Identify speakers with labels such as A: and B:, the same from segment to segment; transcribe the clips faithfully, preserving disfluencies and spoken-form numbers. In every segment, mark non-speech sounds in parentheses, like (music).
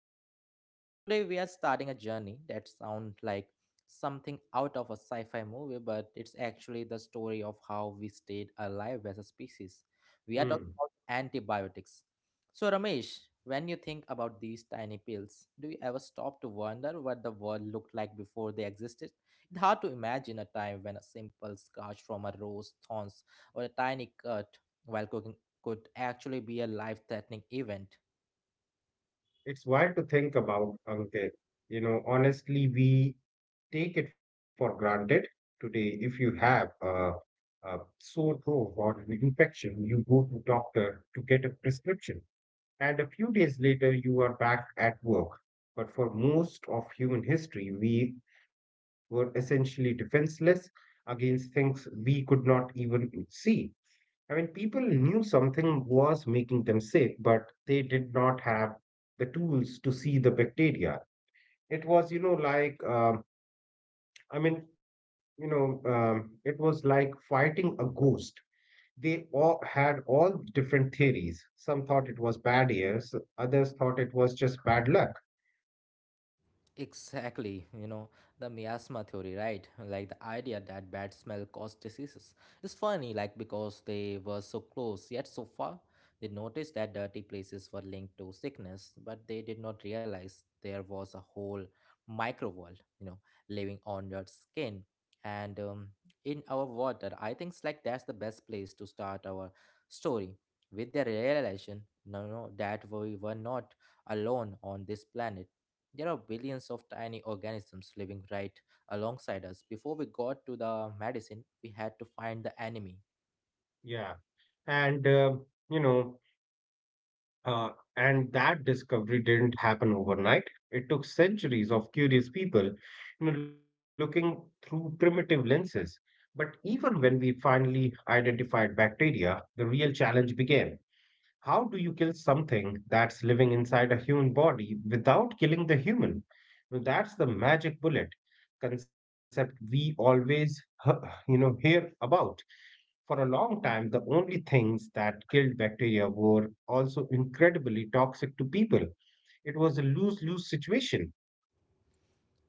A: episode. So today we are starting a journey that sounds like something out of a sci-fi movie, but it's actually the story of how we stayed alive as a species. We are talking
B: Hmm.
A: about antibiotics, so, Ramesh, when you think about these tiny pills, do you ever stop to wonder what the world looked like before they existed? It's hard to imagine a time when a simple scratch from a rose thorns or a tiny cut while cooking could actually be a life threatening event.
B: It's wild to think about, Ankit. You know, honestly, we take it for granted today. If you have a, a sore throat or an infection, you go to doctor to get a prescription, and a few days later, you are back at work. But for most of human history, we were essentially defenseless against things we could not even see. I mean, people knew something was making them sick, but they did not have the tools to see the bacteria. It was, you know, like, um, I mean, you know, um, it was like fighting a ghost. They all had all different theories. Some thought it was bad years, others thought it was just bad luck.
A: Exactly, you know, the miasma theory, right? Like the idea that bad smell caused diseases. It's funny, like because they were so close yet so far, they noticed that dirty places were linked to sickness, but they did not realize there was a whole micro world, you know, living on your skin and um, in our water. I think it's like that's the best place to start our story with the realization, no, no, that we were not alone on this planet there are billions of tiny organisms living right alongside us. Before we got to the medicine, we had to find the enemy.
B: Yeah. And, um, you know, Uh, and that discovery didn't happen overnight. It took centuries of curious people, you know, looking through primitive lenses. But even when we finally identified bacteria, the real challenge began. How do you kill something that's living inside a human body without killing the human? Now, That's the magic bullet concept we always h- you know hear about. For a long time, the only things that killed bacteria were also incredibly toxic to people. It was a lose-lose situation.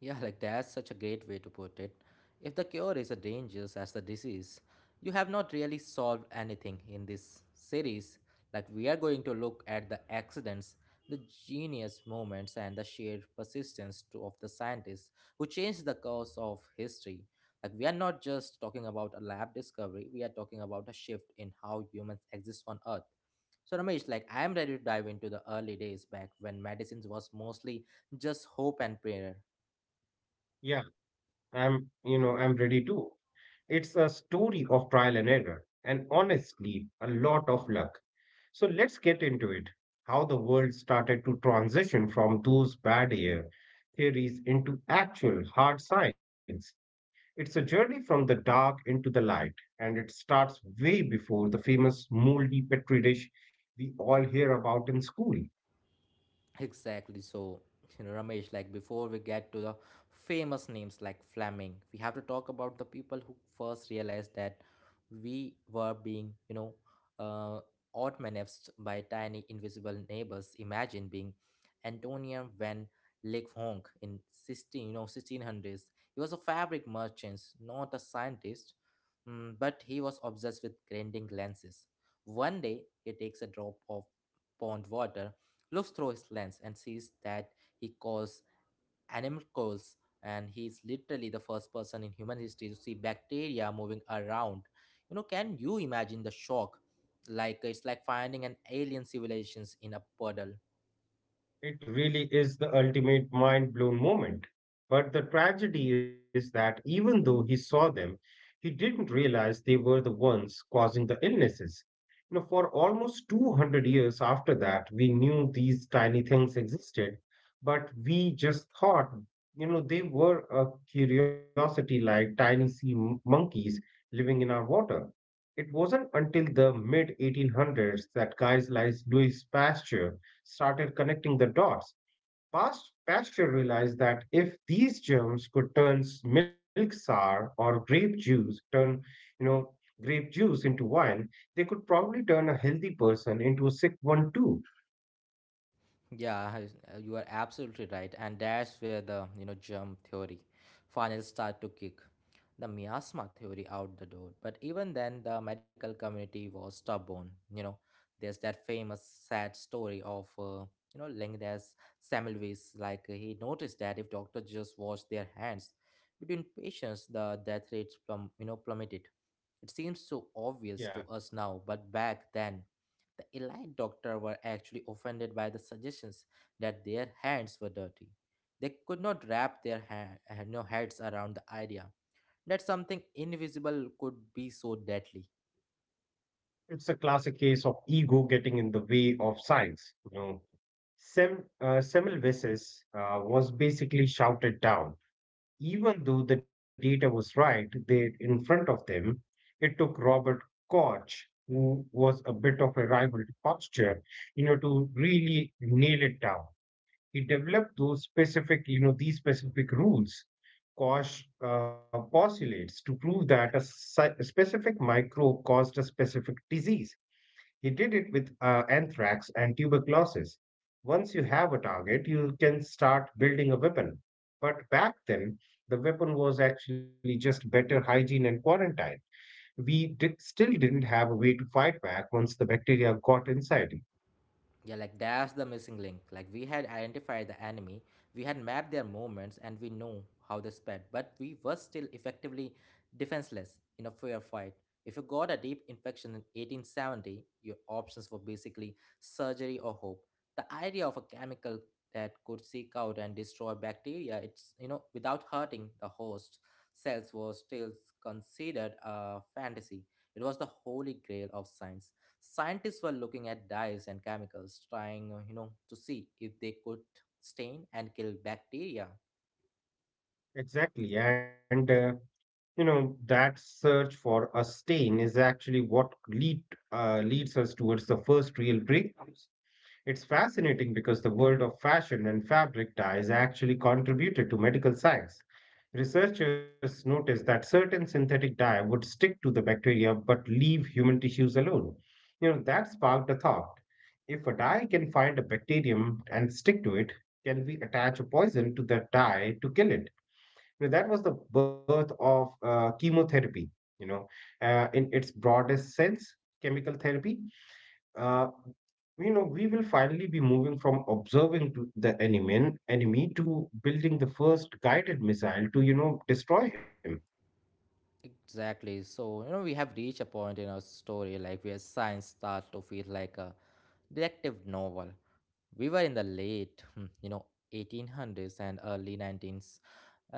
A: Yeah, like that's such a great way to put it. If the cure is as dangerous as the disease, you have not really solved anything in this series. Like, we are going to look at the accidents, the genius moments, and the sheer persistence to, of the scientists who changed the course of history. Like, we are not just talking about a lab discovery, we are talking about a shift in how humans exist on Earth. So, Ramesh, like, I am ready to dive into the early days back when medicines was mostly just hope and prayer.
B: Yeah, I'm, you know, I'm ready too. It's a story of trial and error, and honestly, a lot of luck. So let's get into it. How the world started to transition from those bad air theories into actual hard science. It's a journey from the dark into the light, and it starts way before the famous moldy petri dish we all hear about in school.
A: Exactly. So, you know, Ramesh, like before we get to the famous names like Fleming, we have to talk about the people who first realized that we were being, you know, uh, outmaneuvered by tiny invisible neighbors. Imagine being Antonia van Leeuwenhoek in 16, you know, sixteen hundreds. He was a fabric merchant, not a scientist, mm, but he was obsessed with grinding lenses. One day, he takes a drop of pond water looks through his lens and sees that he calls animals and he is literally the first person in human history to see bacteria moving around. You know, can you imagine the shock? Like it's like finding an alien civilizations in a puddle.
B: It really is the ultimate mind blown moment. But the tragedy is that even though he saw them, he didn't realize they were the ones causing the illnesses. You know, for almost two hundred years after that, we knew these tiny things existed, but we just thought, you know, they were a curiosity like tiny sea m- monkeys living in our water. It wasn't until the mid eighteen hundreds that guys like Louis Pasteur started connecting the dots. Pasteur realized that if these germs could turn milk sour or grape juice, turn, you know, grape juice into wine, they could probably turn a healthy person into a sick one too.
A: Yeah, I- uh, you are absolutely right, and that's where the you know germ theory finally start to kick the miasma theory out the door. But even then, the medical community was stubborn. You know, there's that famous sad story of uh, you know Linguist Semmelweis. Like he noticed that if doctors just washed their hands between patients, the death rates plum you know plummeted. It seems so obvious to
B: Yeah,
A: us now, but back then, the elite doctor were actually offended by the suggestions that their hands were dirty. They could not wrap their ha- ha- no heads around the idea that something invisible could be so deadly.
B: it's a classic case of ego getting in the way of science. You know, Sem, uh, Semmelweis uh, was basically shouted down. Even though the data was right there in front of them, it took Robert Koch, who was a bit of a rival to Pasteur, you know, to really nail it down. He developed those specific, you know, these specific rules. Koch uh, postulates to prove that a, sci- a specific microbe caused a specific disease. He did it with uh, anthrax and tuberculosis. Once you have a target, you can start building a weapon. But back then, the weapon was actually just better hygiene and quarantine. We did, still didn't have a way to fight back once the bacteria got inside you.
A: Yeah, like that's the missing link. Like we had identified the enemy, we had mapped their movements, and we know how they sped, but we were still effectively defenseless in a fair fight. If you got a deep infection in eighteen seventy, your options were basically surgery or hope. The idea of a chemical that could seek out and destroy bacteria, it's you know, without hurting the host cells was still considered a fantasy. It was the holy grail of science. Scientists were looking at dyes and chemicals, trying, uh, you know, to see if they could stain and kill bacteria.
B: Exactly. And, uh, you know, that search for a stain is actually what lead, uh, leads us towards the first real breakthrough. It's fascinating because the world of fashion and fabric dyes actually contributed to medical science. Researchers noticed that certain synthetic dye would stick to the bacteria but leave human tissues alone. You know, that sparked a thought. If a dye can find a bacterium and stick to it, can we attach a poison to that dye to kill it? You know, that was the birth of uh, chemotherapy, you know, uh, in its broadest sense, chemical therapy. uh, you know, we will finally be moving from observing to the enemy, enemy to building the first guided missile to, you know, destroy him.
A: Exactly. So, you know, we have reached a point in our story like where science starts to feel like a detective novel. We were in the late hmm, you know eighteen hundreds and early nineteens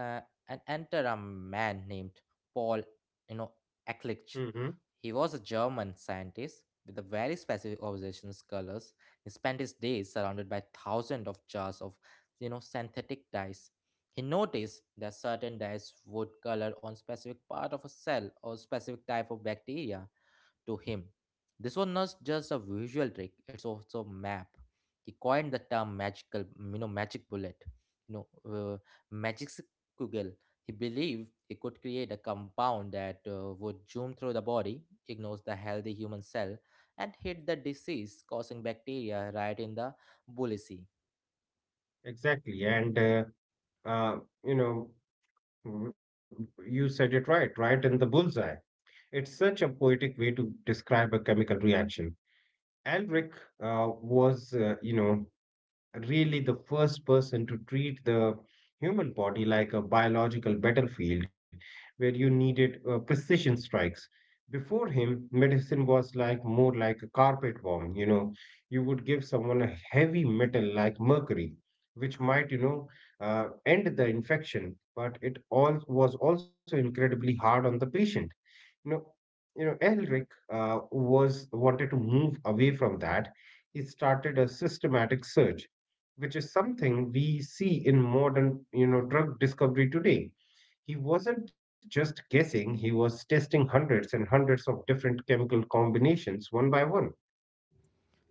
A: uh, and enter a man named Paul, you know Ehrlich.
B: Mm-hmm.
A: He was a German scientist with a very specific observations colors. He spent his days surrounded by thousands of jars of you know synthetic dyes. He noticed that certain dyes would color on specific part of a cell or specific type of bacteria to him. This was not just a visual trick; it's also a map. He coined the term magical, you know, magic bullet, you know, uh, magic kugel. He believed he could create a compound that uh, would zoom through the body, ignores the healthy human cell, and hit the disease-causing bacteria right in the bullacy.
B: Exactly. And, uh, uh, you know, w- w- You said it right, right in the bullseye. It's such a poetic way to describe a chemical reaction. Aldrich uh, was, uh, you know, really the first person to treat the human body like a biological battlefield where you needed uh, precision strikes. Before him, medicine was like more like a carpet bomb. You know, you would give someone a heavy metal like mercury, which might, you know, uh, end the infection, but it all was also incredibly hard on the patient. No, you know, Elric uh, was wanted to move away from that. He started a systematic search, which is something we see in modern, you know, drug discovery today. He wasn't just guessing; he was testing hundreds and hundreds of different chemical combinations one by one.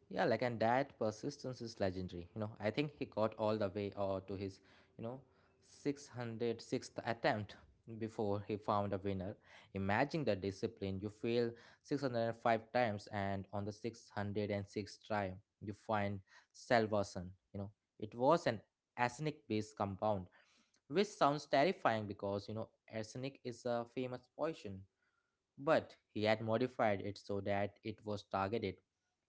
A: Yeah, like and that persistence is legendary. You know, I think he got all the way or to his, you know, six hundred sixth attempt before he found a winner. Imagine the discipline. You fail six hundred five times and on the six hundred sixth try, you find salvation. You know, it was an arsenic-based compound, which sounds terrifying because, you know, arsenic is a famous poison, but he had modified it so that it was targeted.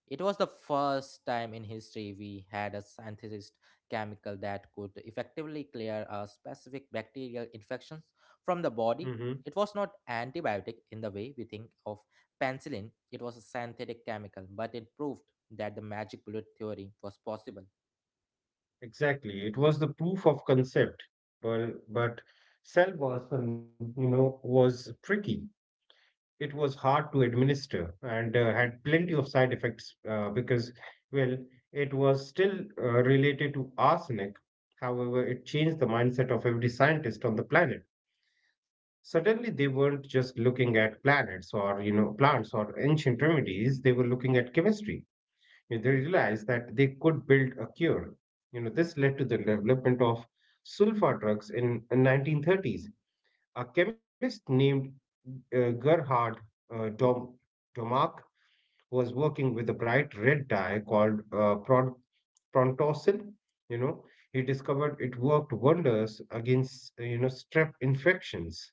A: It was the first time in history we had a synthesized chemical that could effectively clear a specific bacterial infection from the
B: Hmm.
A: body. It was not antibiotic in the way we think of penicillin, it was a synthetic chemical, but it proved that the magic bullet theory was possible.
B: Exactly, it was the proof of concept, but but cell was, um, you know, was tricky. It was hard to administer and uh, had plenty of side effects uh, because, well, it was still uh, related to arsenic. However, it changed the mindset of every scientist on the planet. Suddenly, they weren't just looking at planets or you know plants or ancient remedies. They were looking at chemistry. You know, they realized that they could build a cure. You know, this led to the development of sulfa drugs in, in nineteen thirties. A chemist named uh, Gerhard uh, Dom- Domag was working with a bright red dye called uh, pron- prontosil. You know, he discovered it worked wonders against uh, you know strep infections.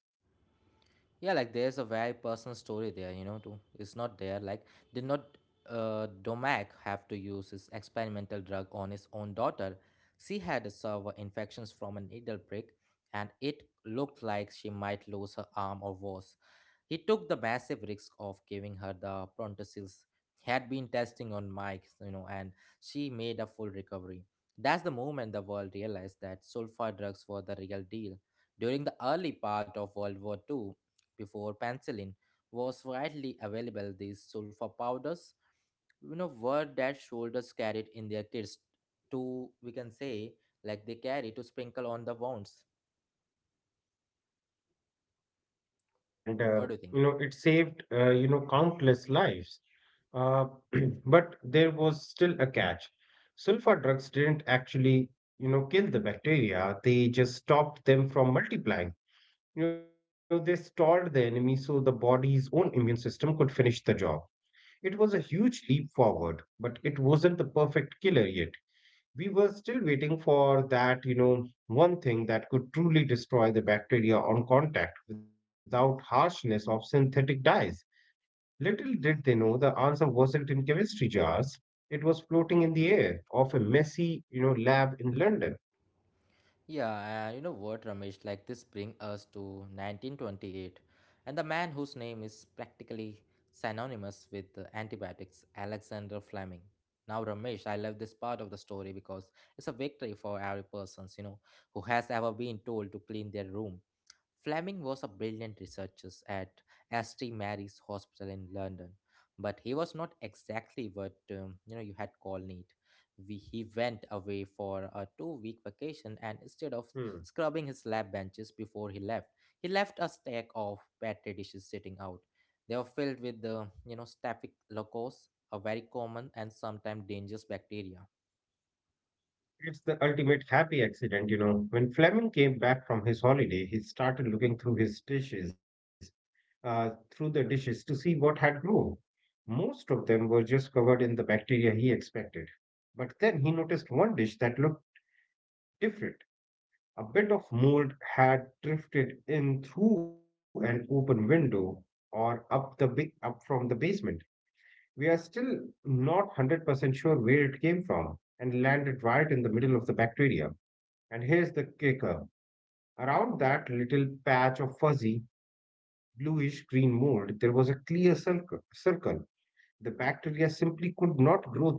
A: Yeah, like there's a very personal story there you know too. It's not there like did not uh, Domac have to use his experimental drug on his own daughter? She had a severe infections from a needle prick and it looked like she might lose her arm or worse. He took the massive risk of giving her the Prontosil's had been testing on Mike, you know, and she made a full recovery. That's the moment the world realized that sulfur drugs were the real deal. During the early part of World War two, before penicillin was widely available, these sulfur powders, you know, were that soldiers carried in their kits to, we can say, like they carry to sprinkle on the wounds.
B: Exactly, and uh,
A: What do you think?
B: you know it saved uh, you know countless lives. Uh, (clears throat) but there was still a catch. Sulfa drugs didn't actually you know kill the bacteria; they just stopped them from multiplying. You know, they stalled the enemy so the body's own immune system could finish the job. It was a huge leap forward, but it wasn't the perfect killer yet. We were still waiting for that, you know, one thing that could truly destroy the bacteria on contact without harshness of synthetic dyes. Little did they know the answer wasn't in chemistry jars. It was floating in the air of a messy, you know, lab in London.
A: Yeah, and you know what, Ramesh? Like this bring us to nineteen twenty-eight, and the man whose name is practically synonymous with the antibiotics, Alexander Fleming. Now, Ramesh, I love this part of the story because it's a victory for every persons you know who has ever been told to clean their room. Fleming was a brilliant researcher at St Mary's Hospital in London, but he was not exactly what um, you know you had called neat. We, he went away for a two-week vacation, and instead of
B: Hmm.
A: scrubbing his lab benches before he left, he left a stack of petri dishes sitting out. They were filled with the you know staphylococcus, a very common and sometimes dangerous bacteria.
B: It's the ultimate happy accident, you know. When Fleming came back from his holiday, he started looking through his dishes, uh, through the dishes to see what had grown. Most of them were just covered in the bacteria he expected. But then he noticed one dish that looked different. A bit of mold had drifted in through an open window or up the big up from the basement. We are still not one hundred percent sure where it came from and landed right in the middle of the bacteria. And here's the kicker. Around that little patch of fuzzy, bluish green mold, there was a clear circle. circle. The bacteria simply could not grow there.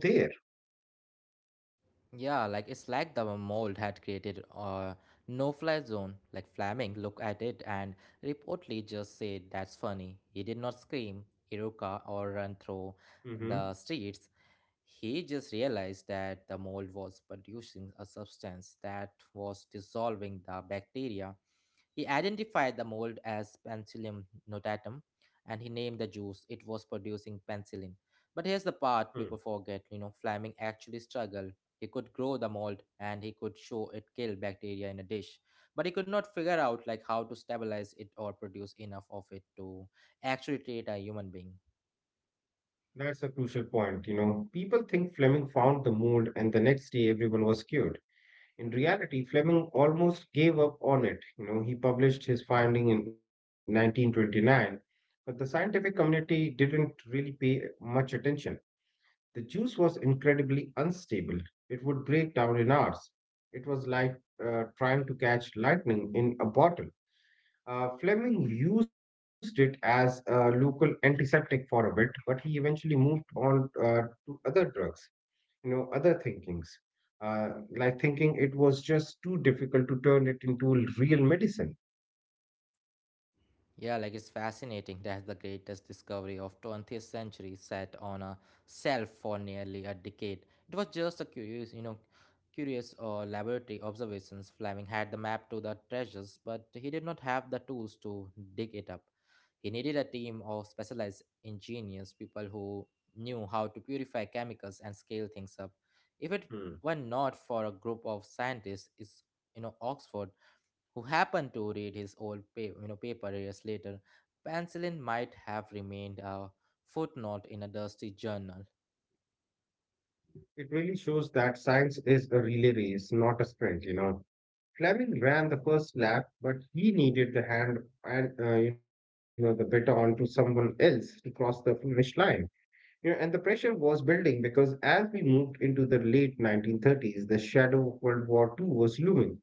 A: Yeah, like it's like the mold had created a no-fly zone. Like Flaming looked at it and reportedly just said, "That's funny." He did not scream, Iruka, or run through the
B: Hmm.
A: streets. He just realized that the mold was producing a substance that was dissolving the bacteria. He identified the mold as Penicillium notatum and he named the juice it was producing penicillin. But here's the
B: Hmm.
A: part people forget you know, Fleming actually struggled. He could grow the mold and he could show it killed bacteria in a dish, but he could not figure out like how to stabilize it or produce enough of it to actually treat a human being.
B: That's a crucial point, you know. People think Fleming found the mold and the next day everyone was cured. In reality, Fleming almost gave up on it. You know, he published his finding in nineteen twenty-nine, but the scientific community didn't really pay much attention. The juice was incredibly unstable. It would break down in hours. It was like uh, trying to catch lightning in a bottle. Uh, Fleming used it as a local antiseptic for a bit, but he eventually moved on uh, to other drugs, you know, other thinkings, uh, like thinking it was just too difficult to turn it into real medicine.
A: Yeah, like it's fascinating. That's the greatest discovery of twentieth century sat on a shelf for nearly a decade. It was just a curious, you know, curious uh, laboratory observations. Fleming had the map to the treasures, but he did not have the tools to dig it up. He needed a team of specialized engineers, people who knew how to purify chemicals and scale things up. If it
B: Hmm.
A: were not for a group of scientists, is you know Oxford who happened to read his old pa- you know, paper years later, penicillin might have remained a footnote in a dusty journal.
B: It really shows that science is a relay race, not a sprint, you know. Fleming ran the first lap, but he needed the hand and uh, you know the baton to someone else to cross the finish line. You know, and the pressure was building because as we moved into the late nineteen thirties, the shadow of World War Two was looming.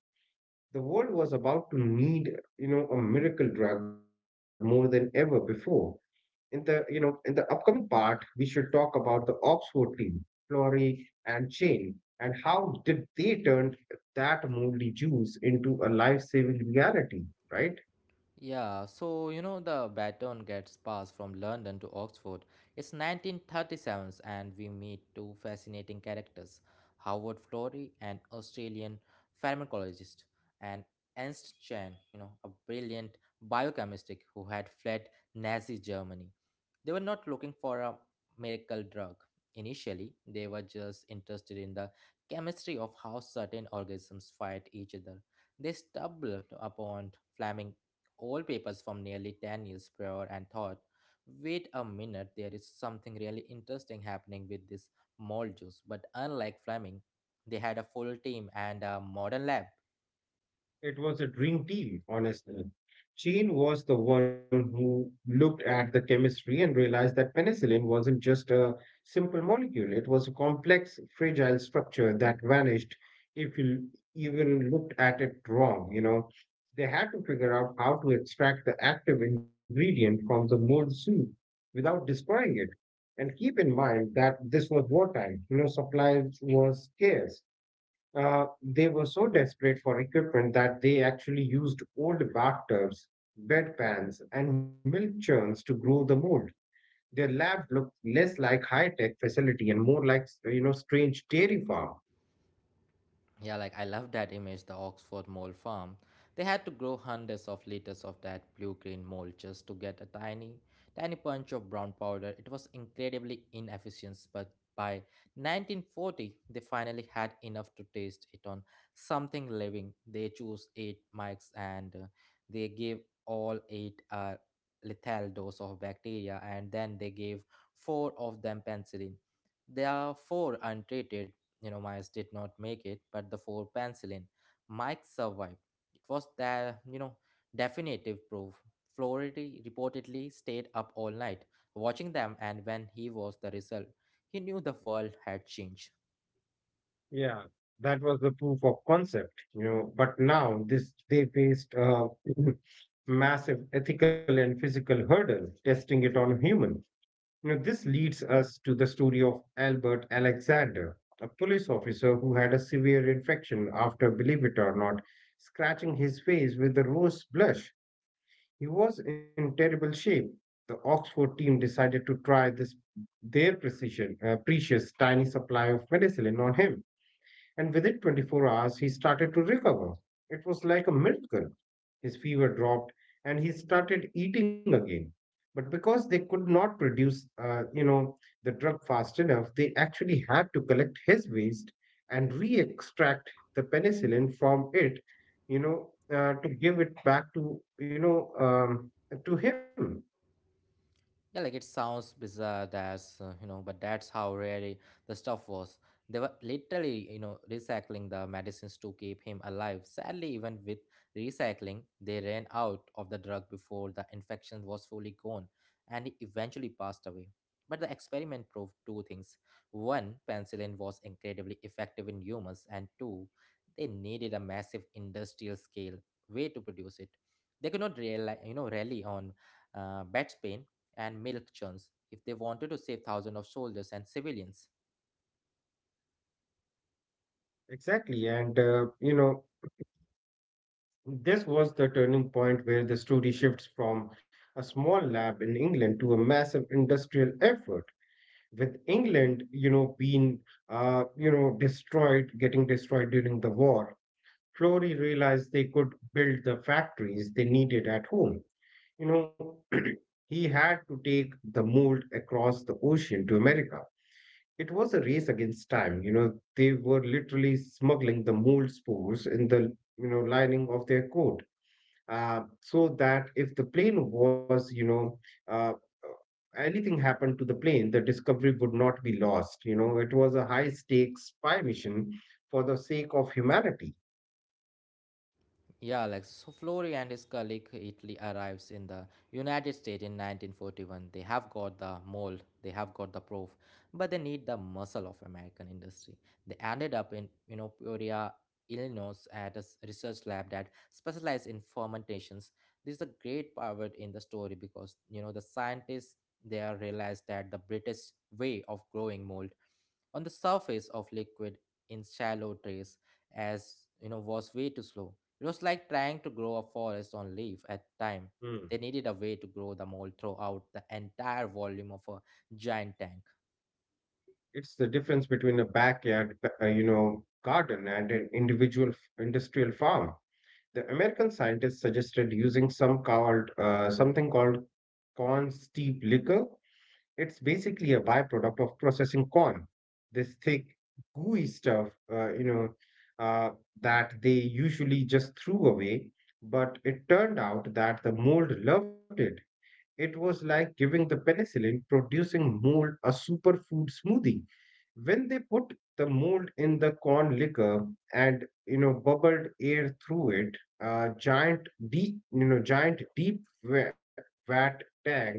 B: The world was about to need you know a miracle drug more than ever before, in the you know in the upcoming part we should talk about the Oxford team, Flory and Chain, and how did they turn that moldy juice into a life-saving reality, right?
A: Yeah, so you know the baton gets passed from London to Oxford. It's nineteen thirty-seven and we meet two fascinating characters, Howard Florey, an Australian pharmacologist, and Ernst Chan, you know, a brilliant biochemist who had fled Nazi Germany. They were not looking for a miracle drug. Initially, they were just interested in the chemistry of how certain organisms fight each other. They stumbled upon Fleming old papers from nearly ten years prior and thought, wait a minute, there is something really interesting happening with this mold juice. But unlike Fleming, they had a full team and a modern lab.
B: It was a dream team, honestly. Jane was the one who looked at the chemistry and realized that penicillin wasn't just a simple molecule, it was a complex, fragile structure that vanished if you even looked at it wrong. You know, they had to figure out how to extract the active ingredient from the mold soup without destroying it. And keep in mind that this was wartime, you know, supplies was scarce. Uh, they were so desperate for equipment that they actually used old bathtubs, bedpans, and milk churns to grow the mold. Their lab looked less like high-tech facility and more like you know strange dairy farm.
A: Yeah, like I love that image, the Oxford mole farm. They had to grow hundreds of liters of that blue-green mold just to get a tiny, tiny punch of brown powder. It was incredibly inefficient, but by nineteen forty, they finally had enough to taste it on something living. They chose eight mics and uh, they gave all eight a lethal dose of bacteria, and then they gave four of them penicillin. They are four untreated you know, Myers did not make it, but the four penicillin. Mike survived. It was the you know definitive proof. Floridi reportedly stayed up all night watching them, and when he was the result, he knew the world had changed.
B: Yeah, that was the proof of concept. You know, but now this they faced a (clears throat) (laughs) massive ethical and physical hurdle testing it on humans. Now, this leads us to the story of Albert Alexander, a police officer who had a severe infection after, believe it or not, scratching his face with a rose blush. He was in terrible shape. The Oxford team decided to try this their precision, uh, precious tiny supply of penicillin on him, and within twenty-four hours he started to recover. It was like a miracle. His fever dropped and he started eating again. But because they could not produce, uh, you know, the drug fast enough, they actually had to collect his waste and re-extract the penicillin from it, you know, uh, to give it back to, you know, um, to him.
A: Yeah, like it sounds bizarre. That's uh, you know but that's how really the stuff was. They were literally you know recycling the medicines to keep him alive. Sadly, even with recycling, they ran out of the drug before the infection was fully gone, and he eventually passed away. But the experiment proved two things: one, penicillin was incredibly effective in humans, and two, they needed a massive industrial scale way to produce it. They could not rely you know rely on uh, bed pain and milk churns if they wanted to save thousands of soldiers and civilians.
B: Exactly. And, uh, you know, This was the turning point where the story shifts from a small lab in England to a massive industrial effort. With England, you know, being, uh, you know, destroyed, getting destroyed during the war, Flory realized they could build the factories they needed at home. You know, (clears throat) he had to take the mold across the ocean to America. It was a race against time. You know, they were literally smuggling the mold spores in the, you know, lining of their coat, uh, so that if the plane was, you know, uh, anything happened to the plane, the discovery would not be lost. You know, it was a high stakes spy mission for the sake of humanity.
A: Yeah, Alex. So Flori and his colleague Italy arrives in the United States in nineteen forty-one. They have got the mold, they have got the proof, but they need the muscle of American industry. They ended up in you know Peoria, Illinois, at a s- research lab that specialized in fermentations. This is a great pivot in the story because you know the scientists there realized that the British way of growing mold on the surface of liquid in shallow trays as you know was way too slow. It was like trying to grow a forest on leaf at a time. They
B: Hmm.
A: needed a way to grow the mold throughout the entire volume of a giant tank.
B: It's the difference between a backyard, uh, you know, garden and an individual f- industrial farm. The American scientists suggested using some called uh, something called corn steep liquor. It's basically a byproduct of processing corn, this thick, gooey stuff, uh, you know, uh, that they usually just threw away. But it turned out that the mold loved it. It was like giving the penicillin producing mold a superfood smoothie. When they put the mold in the corn liquor and you know bubbled air through it, uh, giant deep you know giant deep wa- vat tanks,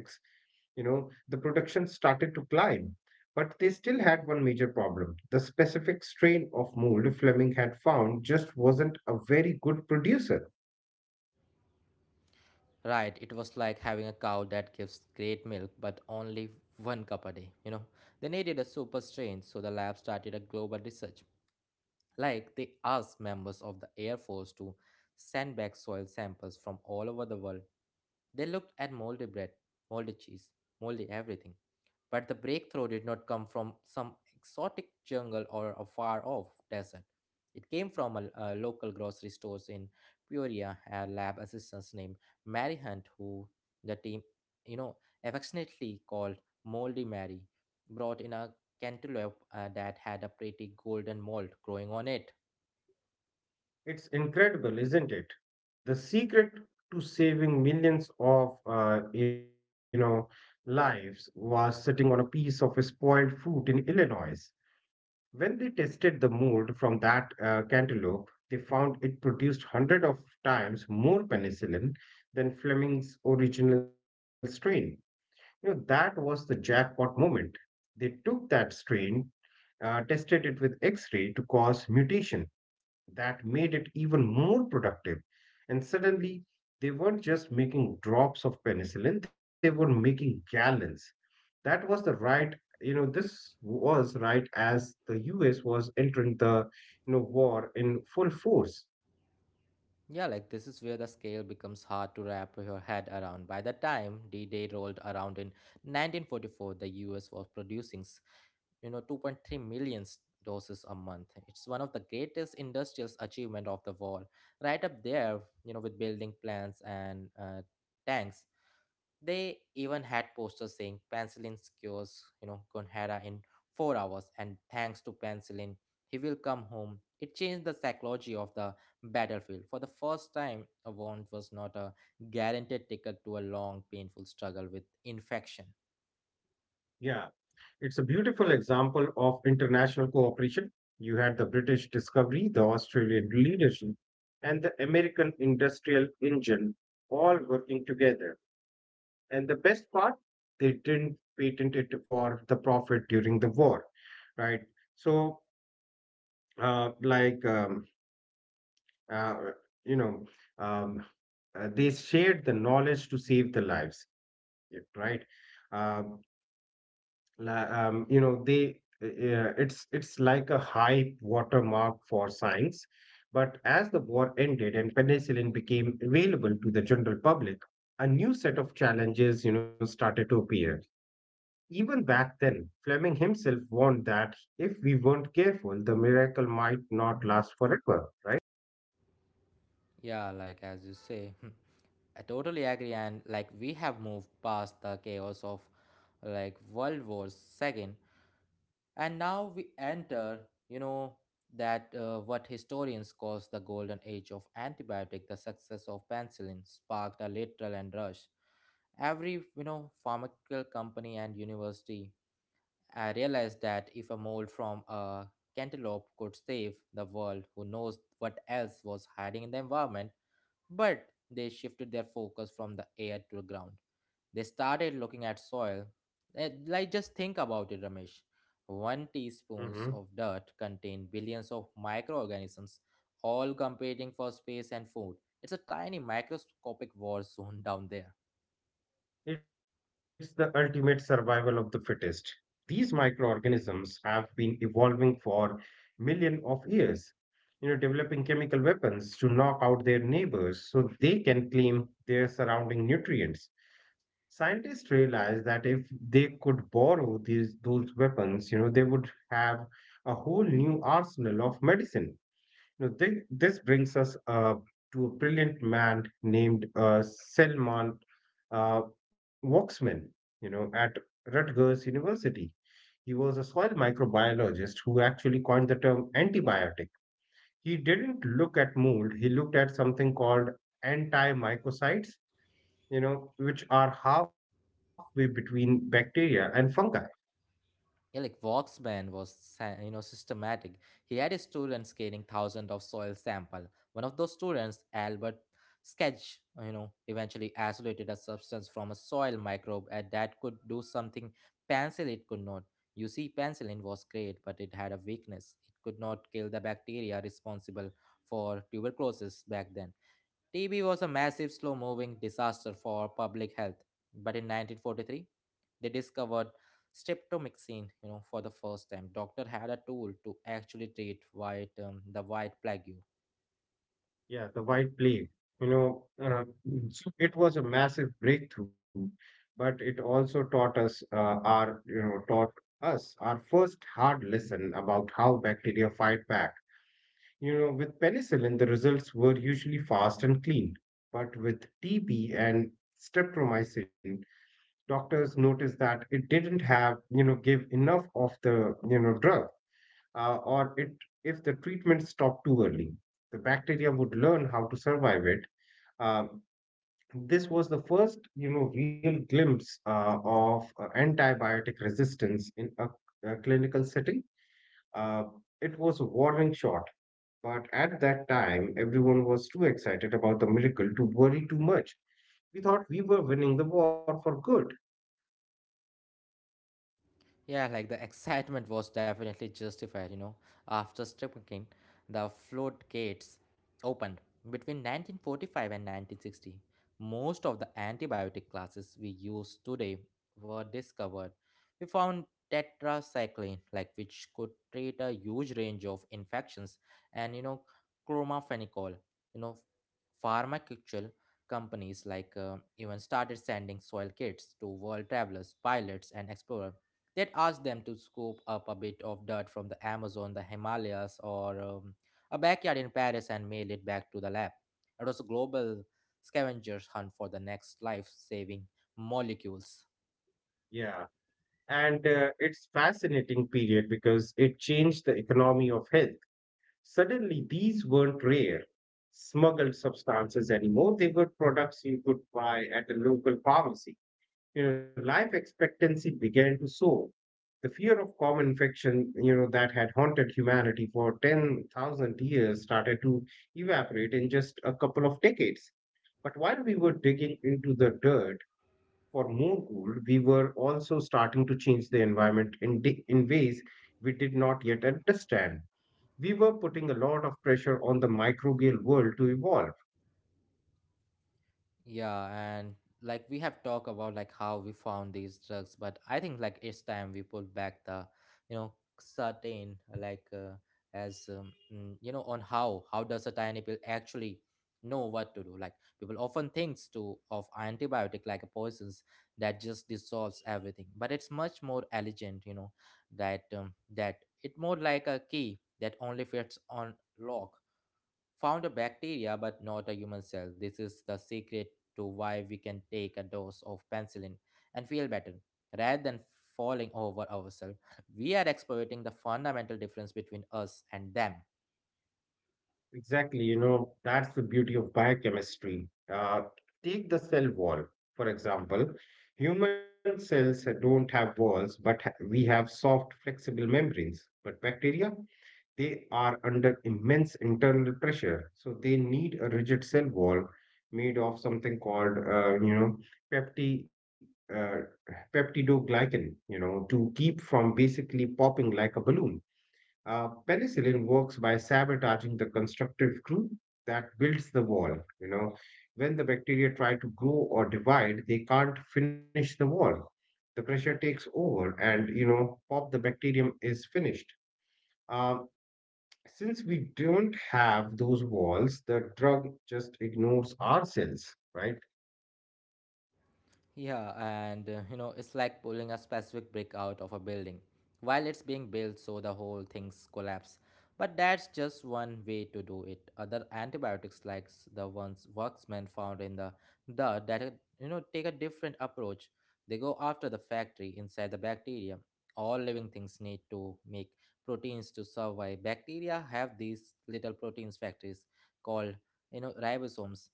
B: you know, the production started to climb. But they still had one major problem. The specific strain of mold Fleming had found just wasn't a very good producer.
A: Right, it was like having a cow that gives great milk but only one cup a day, you know. They needed a super strain, so the lab started a global research. Like, they asked members of the Air Force to send back soil samples from all over the world. They looked at moldy bread, moldy cheese, moldy everything. But the breakthrough did not come from some exotic jungle or a far off desert. It came from a, a local grocery stores in Peoria. A lab assistant named Mary Hunt, who the team, you know, affectionately called Moldy Mary, brought in a cantaloupe uh, that had a pretty golden mold growing on it.
B: It's incredible, isn't it? The secret to saving millions of, uh, you know, lives was sitting on a piece of spoiled fruit in Illinois. When they tested the mold from that uh, cantaloupe, they found it produced hundred of times more penicillin than Fleming's original strain. You know, that was the jackpot moment. They took that strain, uh, tested it with X-ray to cause mutation that made it even more productive. And suddenly, they weren't just making drops of penicillin, they were making gallons. That was the right you know this was right as the us was entering the, you know, war in full force.
A: Yeah, like this is where the scale becomes hard to wrap your head around. By the time D Day rolled around in nineteen forty-four, the U S was producing, s- you know, two point three million doses a month. It's one of the greatest industrial achievement of the war, right up there, you know, with building plants and uh, tanks. They even had posters saying penicillin cures, you know, Gonhara in four hours, and thanks to penicillin, he will come home. It changed the psychology of the battlefield. For the first time, a wound was not a guaranteed ticket to a long, painful struggle with infection.
B: Yeah, it's a beautiful example of international cooperation. You had the british discovery, the australian leadership, and the american industrial engine all working together. And the best part, they didn't patent it for the profit during the war, right? So uh, like um, uh, you know, um, uh, they shared the knowledge to save the lives, y- right? Um, la- um, you know, they uh, uh, it's it's like a high watermark for science. But as the war ended and penicillin became available to the general public, a new set of challenges, you know, started to appear. Even back then, Fleming himself warned that if we weren't careful, the miracle might not last forever, right?
A: Yeah, like as you say, (laughs) I totally agree. And like we have moved past the chaos of like World War Second. And now we enter, you know, that uh, what historians calls the golden age of antibiotic. The success of penicillin sparked a literal and rush. Every, you know, pharmaceutical company and university uh, realized that if a mold from a cantaloupe could save the world, who knows what else was hiding in the environment. But they shifted their focus from the air to the ground. They started looking at soil. Eh, Like, just think about it, Ramesh. One teaspoons of dirt
B: Hmm.
A: contained billions of microorganisms, all competing for space and food. It's a tiny microscopic war zone down there.
B: It's the ultimate survival of the fittest. These microorganisms have been evolving for millions of years, you know, developing chemical weapons to knock out their neighbors so they can claim their surrounding nutrients. Scientists realized that if they could borrow these those weapons, you know, they would have a whole new arsenal of medicine. Now, this, this brings us uh, to a brilliant man named uh, Selman uh, Waksman, you know, at Rutgers University. He was a soil microbiologist who actually coined the term antibiotic. He didn't look at mold, he looked at something called antimycocytes, you know, which are halfway between bacteria and fungi.
A: Yeah, like Voxman was, sa- you know, systematic. He had his students scanning thousands of soil sample. One of those students, Albert Sketch, you know, eventually isolated a substance from a soil microbe and that could do something penicillin could not. You see, penicillin was great, but it had a weakness. It could not kill the bacteria responsible for tuberculosis back then. T B was a massive, slow moving disaster for public health. But in nineteen forty-three, they discovered streptomycin, you know, for the first time. Doctor had a tool to actually treat white, um, the white plague.
B: Yeah, the white plague. You know, uh, so it was a massive breakthrough, but it also taught us uh, our, you know, taught us our first hard lesson about how bacteria fight back. You know, with penicillin, the results were usually fast and clean, but with T B and streptomycin, doctors noticed that it didn't have, you know, give enough of the, you know, drug, uh, or it if the treatment stopped too early. The bacteria would learn how to survive it. Uh, this was the first, you know, real glimpse uh, of uh, antibiotic resistance in a, a clinical setting. Uh, it was a warning shot, but at that time, everyone was too excited about the miracle to worry too much. We thought we were winning the war for good.
A: Yeah, like the excitement was definitely justified, you know. After Stripping, the floodgates opened. Between nineteen forty-five and nineteen sixty, most of the antibiotic classes we use today were discovered. We found tetracycline, like which could treat a huge range of infections, and you know, chromaphenicol. You know, pharmaceutical companies like uh, even started sending soil kits to world travelers, pilots, and explorers that ask them to scoop up a bit of dirt from the Amazon, the Himalayas, or um, a backyard in Paris and mail it back to the lab. It was a global scavenger's hunt for the next life saving molecules.
B: Yeah, and uh, it's fascinating period because it changed the economy of health. Suddenly, these weren't rare, smuggled substances anymore. They were products you could buy at a local pharmacy. You know, life expectancy began to soar. The fear of common infection, you know, that had haunted humanity for ten thousand years started to evaporate in just a couple of decades. But while we were digging into the dirt for more gold, we were also starting to change the environment in, di- in ways we did not yet understand. We were putting a lot of pressure on the microbial world to evolve.
A: Yeah, and like we have talked about like how we found these drugs, but I think like it's time we pull back the, you know, certain like uh, as um, mm, you know on how how does a tiny pill actually know what to do? Like people often thinks to of antibiotic like a poisons that just dissolves everything, but it's much more elegant, you know, that um, that it more like a key that only fits on lock. Found a bacteria but not a human cell. This is the secret to why we can take a dose of penicillin and feel better rather than falling over ourselves. (laughs) We are exploiting the fundamental difference between us and them.
B: Exactly, you know, that's the beauty of biochemistry. Uh, Take the cell wall, for example. Human cells don't have walls, but ha- we have soft, flexible membranes. But bacteria, they are under immense internal pressure. So they need a rigid cell wall made of something called, uh, you know, pepti, uh, peptidoglycan, you know, to keep from basically popping like a balloon. Uh, penicillin works by sabotaging the constructive glue that builds the wall. You know, when the bacteria try to grow or divide, they can't finish the wall. The pressure takes over, and you know, pop, the bacterium is finished. Um, since we don't have those walls, the drug just ignores our cells, right?
A: Yeah, and uh, you know, it's like pulling a specific brick out of a building while it's being built so the whole thing's collapse. But that's just one way to do it. Other antibiotics like s- the ones workmen found in the dirt that uh, you know take a different approach. They go after the factory inside the bacteria. All living things need to make proteins to survive. Bacteria have these little proteins factories called you know ribosomes.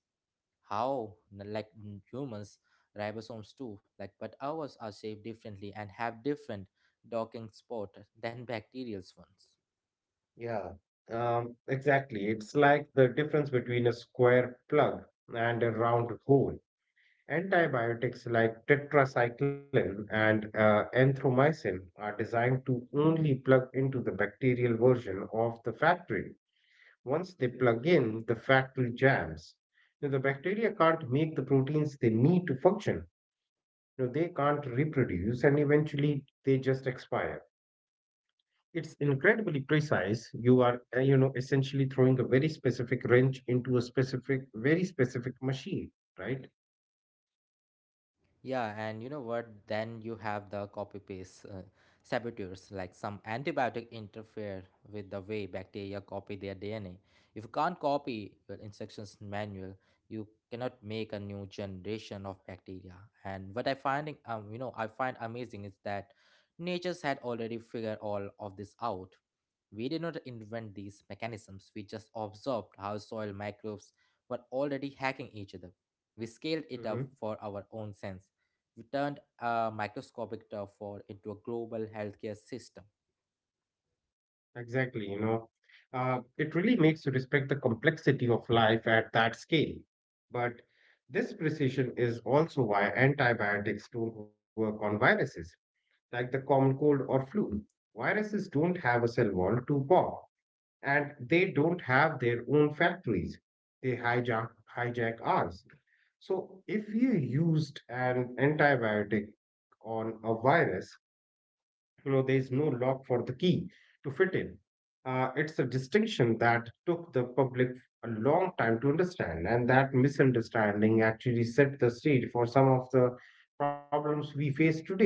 A: How n- like n- humans ribosomes too, like, but ours are shaped differently and have different docking spot than bacterial's ones.
B: Yeah. Um, exactly. It's like the difference between a square plug and a round hole. Antibiotics like tetracycline and uh, erythromycin are designed to only plug into the bacterial version of the factory. Once they plug in, the factory jams. Now, the bacteria can't make the proteins they need to function. You know, they can't reproduce and eventually they just expire. It's incredibly precise. You are, uh, you know, essentially throwing a very specific wrench into a specific, very specific machine, right?
A: Yeah, and you know what? Then you have the copy paste uh, saboteurs, like some antibiotic interfere with the way bacteria copy their D N A. If you can't copy your instructions manual, you cannot make a new generation of bacteria. And what I finding, um, you know, I find amazing is that nature's had already figured all of this out. We did not invent these mechanisms. We just observed how soil microbes were already hacking each other. We scaled it
B: Hmm.
A: up for our own sense. You turned a microscopic turf war into a global healthcare system.
B: Exactly. You know, uh, it really makes you respect the complexity of life at that scale. But this precision is also why antibiotics don't work on viruses, like the common cold or flu. Viruses don't have a cell wall to pop and they don't have their own factories. They hijack hijack ours. So if you used an antibiotic on a virus, you know there is no lock for the key to fit in. Uh, it's a distinction that took the public a long time to understand, and that misunderstanding actually set the stage for some of the problems we face today.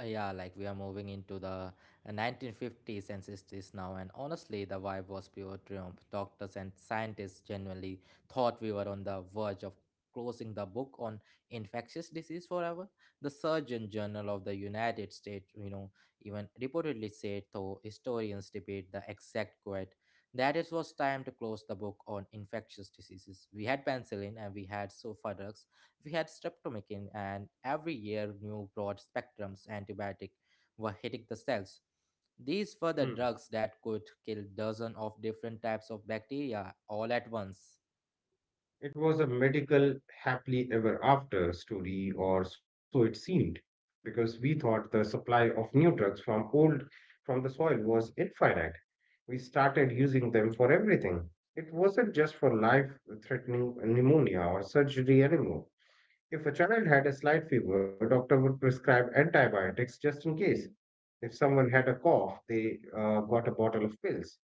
A: Uh, yeah, like we are moving into the uh, nineteen fifties and sixties now, and honestly the vibe was pure triumph. Doctors and scientists genuinely thought we were on the verge of closing the book on infectious disease forever. The surgeon general of the United States, you know even reportedly said, though historians debate the exact quote, that it was time to close the book on infectious diseases. We had penicillin and we had sulfadox, we had streptomycin, and every year new broad spectrums antibiotic were hitting the cells. These were the
B: Hmm.
A: drugs that could kill dozens of different types of bacteria all at once.
B: It was a medical happily ever after story, or so it seemed, because we thought the supply of new drugs from old from the soil was infinite. We started using them for everything. It wasn't just for life-threatening pneumonia or surgery anymore. If a child had a slight fever, doctor would prescribe antibiotics just in case. If someone had a cough, they uh, got a bottle of pills.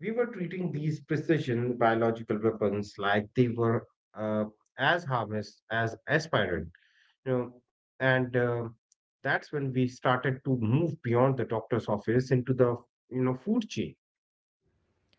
B: We were treating these precision biological weapons like they were uh, as harmless as aspirin, you know, and uh, that's when we started to move beyond the doctor's office into the, you know, food chain.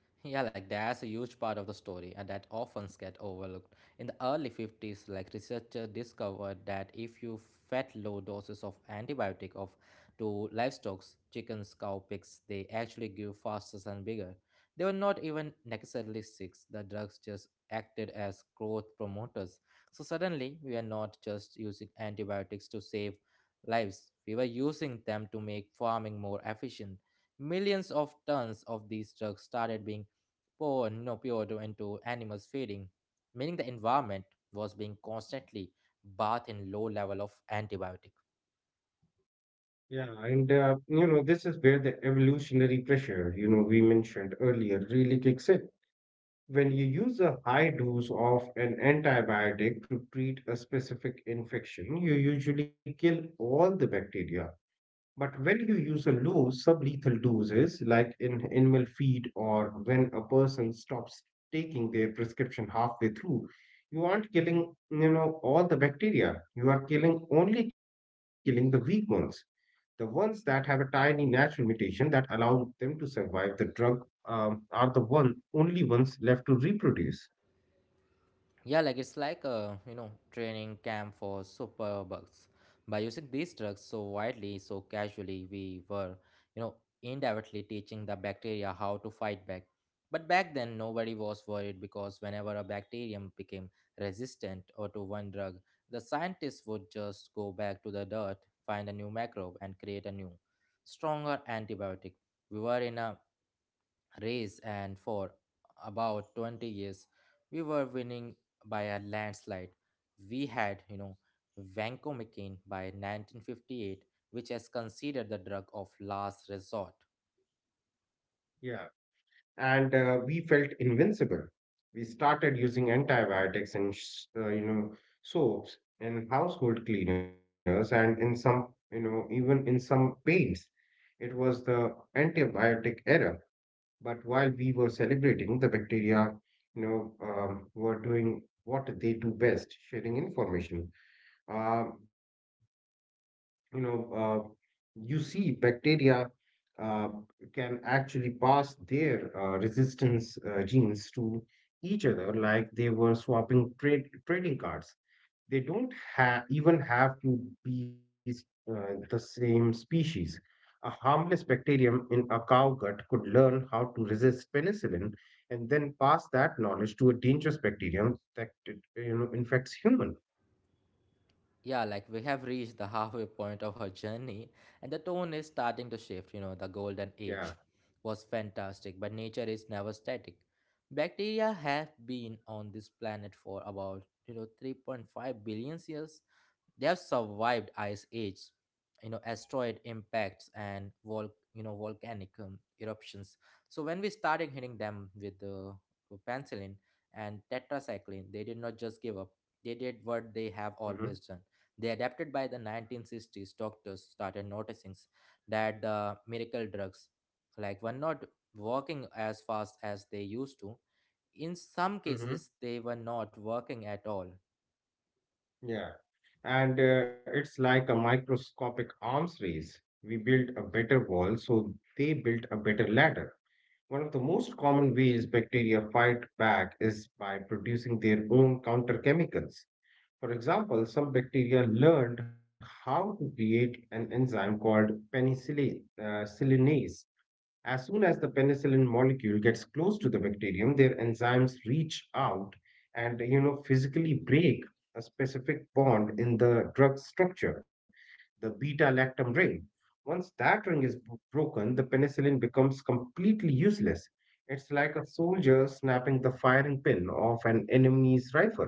A: (laughs) Yeah, like that's a huge part of the story and that often gets overlooked. In the early fifties, like researchers discovered that if you fed low doses of antibiotic of to livestock, chickens, cow, pigs, they actually grew faster and bigger. They were not even necessarily sick. The drugs just acted as growth promoters. So suddenly, we are not just using antibiotics to save lives. We were using them to make farming more efficient. Millions of tons of these drugs started being Piodo into animals feeding, meaning the environment was being constantly bathed in low level of antibiotic.
B: Yeah, and uh, you know this is where the evolutionary pressure you know we mentioned earlier really kicks in. When you use a high dose of an antibiotic to treat a specific infection, you usually kill all the bacteria. But when you use a low sublethal doses, like in animal feed or when a person stops taking their prescription halfway through, you aren't killing, you know, all the bacteria. You are killing only killing the weak ones, the ones that have a tiny natural mutation that allow them to survive the drug um, are the one only ones left to reproduce.
A: Yeah, like it's like a you know training camp for superbugs. By using these drugs so widely, so casually, we were you know indirectly teaching the bacteria how to fight back. But back then, nobody was worried because whenever a bacterium became resistant or to one drug, the scientists would just go back to the dirt, find a new microbe, and create a new, stronger antibiotic. We were in a race, and for about twenty years we were winning by a landslide. We had you know vancomycin by nineteen fifty-eight, which is considered the drug of last resort.
B: Yeah, and uh, we felt invincible. We started using antibiotics and sh- uh, you know soaps in household cleaners and in some you know even in some paints. It was the antibiotic era. But while we were celebrating, the bacteria you know um, were doing what they do best, sharing information. Uh, you know, uh, you see bacteria uh, can actually pass their uh, resistance uh, genes to each other like they were swapping trade, trading cards. They don't ha- even have to be uh, the same species. A harmless bacterium in a cow gut could learn how to resist penicillin and then pass that knowledge to a dangerous bacterium that it, you know infects human.
A: Yeah, like we have reached the (laughs) halfway point of our journey, and the tone is starting to shift. You know, the golden age
B: Yeah.
A: was fantastic, but nature is never static. Bacteria have been on this planet for about you know three point five billion years. They have survived ice age, you know, asteroid impacts and vol you know volcanic um, eruptions. So when we started hitting them with the uh, penicillin and tetracycline, they did not just give up. They did what they
B: Mm-hmm.
A: have always done. They adapted. By the nineteen sixties, doctors started noticing that the miracle drugs, like, were not working as fast as they used to. In some
B: Mm-hmm.
A: cases they were not working at all.
B: Yeah. And uh, it's like a microscopic arms race. We build a better wall, so they build a better ladder. One of the most common ways bacteria fight back is by producing their own counter chemicals. For example, some bacteria learned how to create an enzyme called penicillin, uh, sillinase. As soon as the penicillin molecule gets close to the bacterium, their enzymes reach out and you know physically break a specific bond in the drug structure, the beta lactam ring. Once that ring is b- broken, the penicillin becomes completely useless. It's like a soldier snapping the firing pin of an enemy's rifle.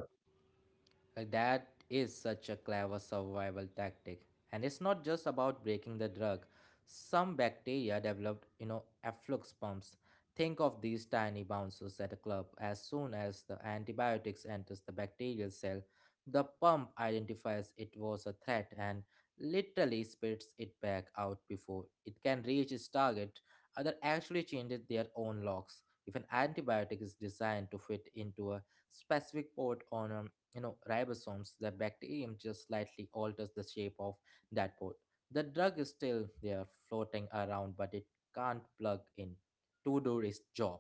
A: Like that is such a clever survival tactic. And it's not just about breaking the drug. Some bacteria developed, you know, efflux pumps. Think of these tiny bouncers at a club. As soon as the antibiotics enters the bacterial cell, the pump identifies it was a threat and literally spits it back out before it can reach its target. Other actually changes their own locks. If an antibiotic is designed to fit into a specific port on a you know ribosomes, the bacterium just slightly alters the shape of that port. The drug is still there floating around, but it can't plug in to do its job.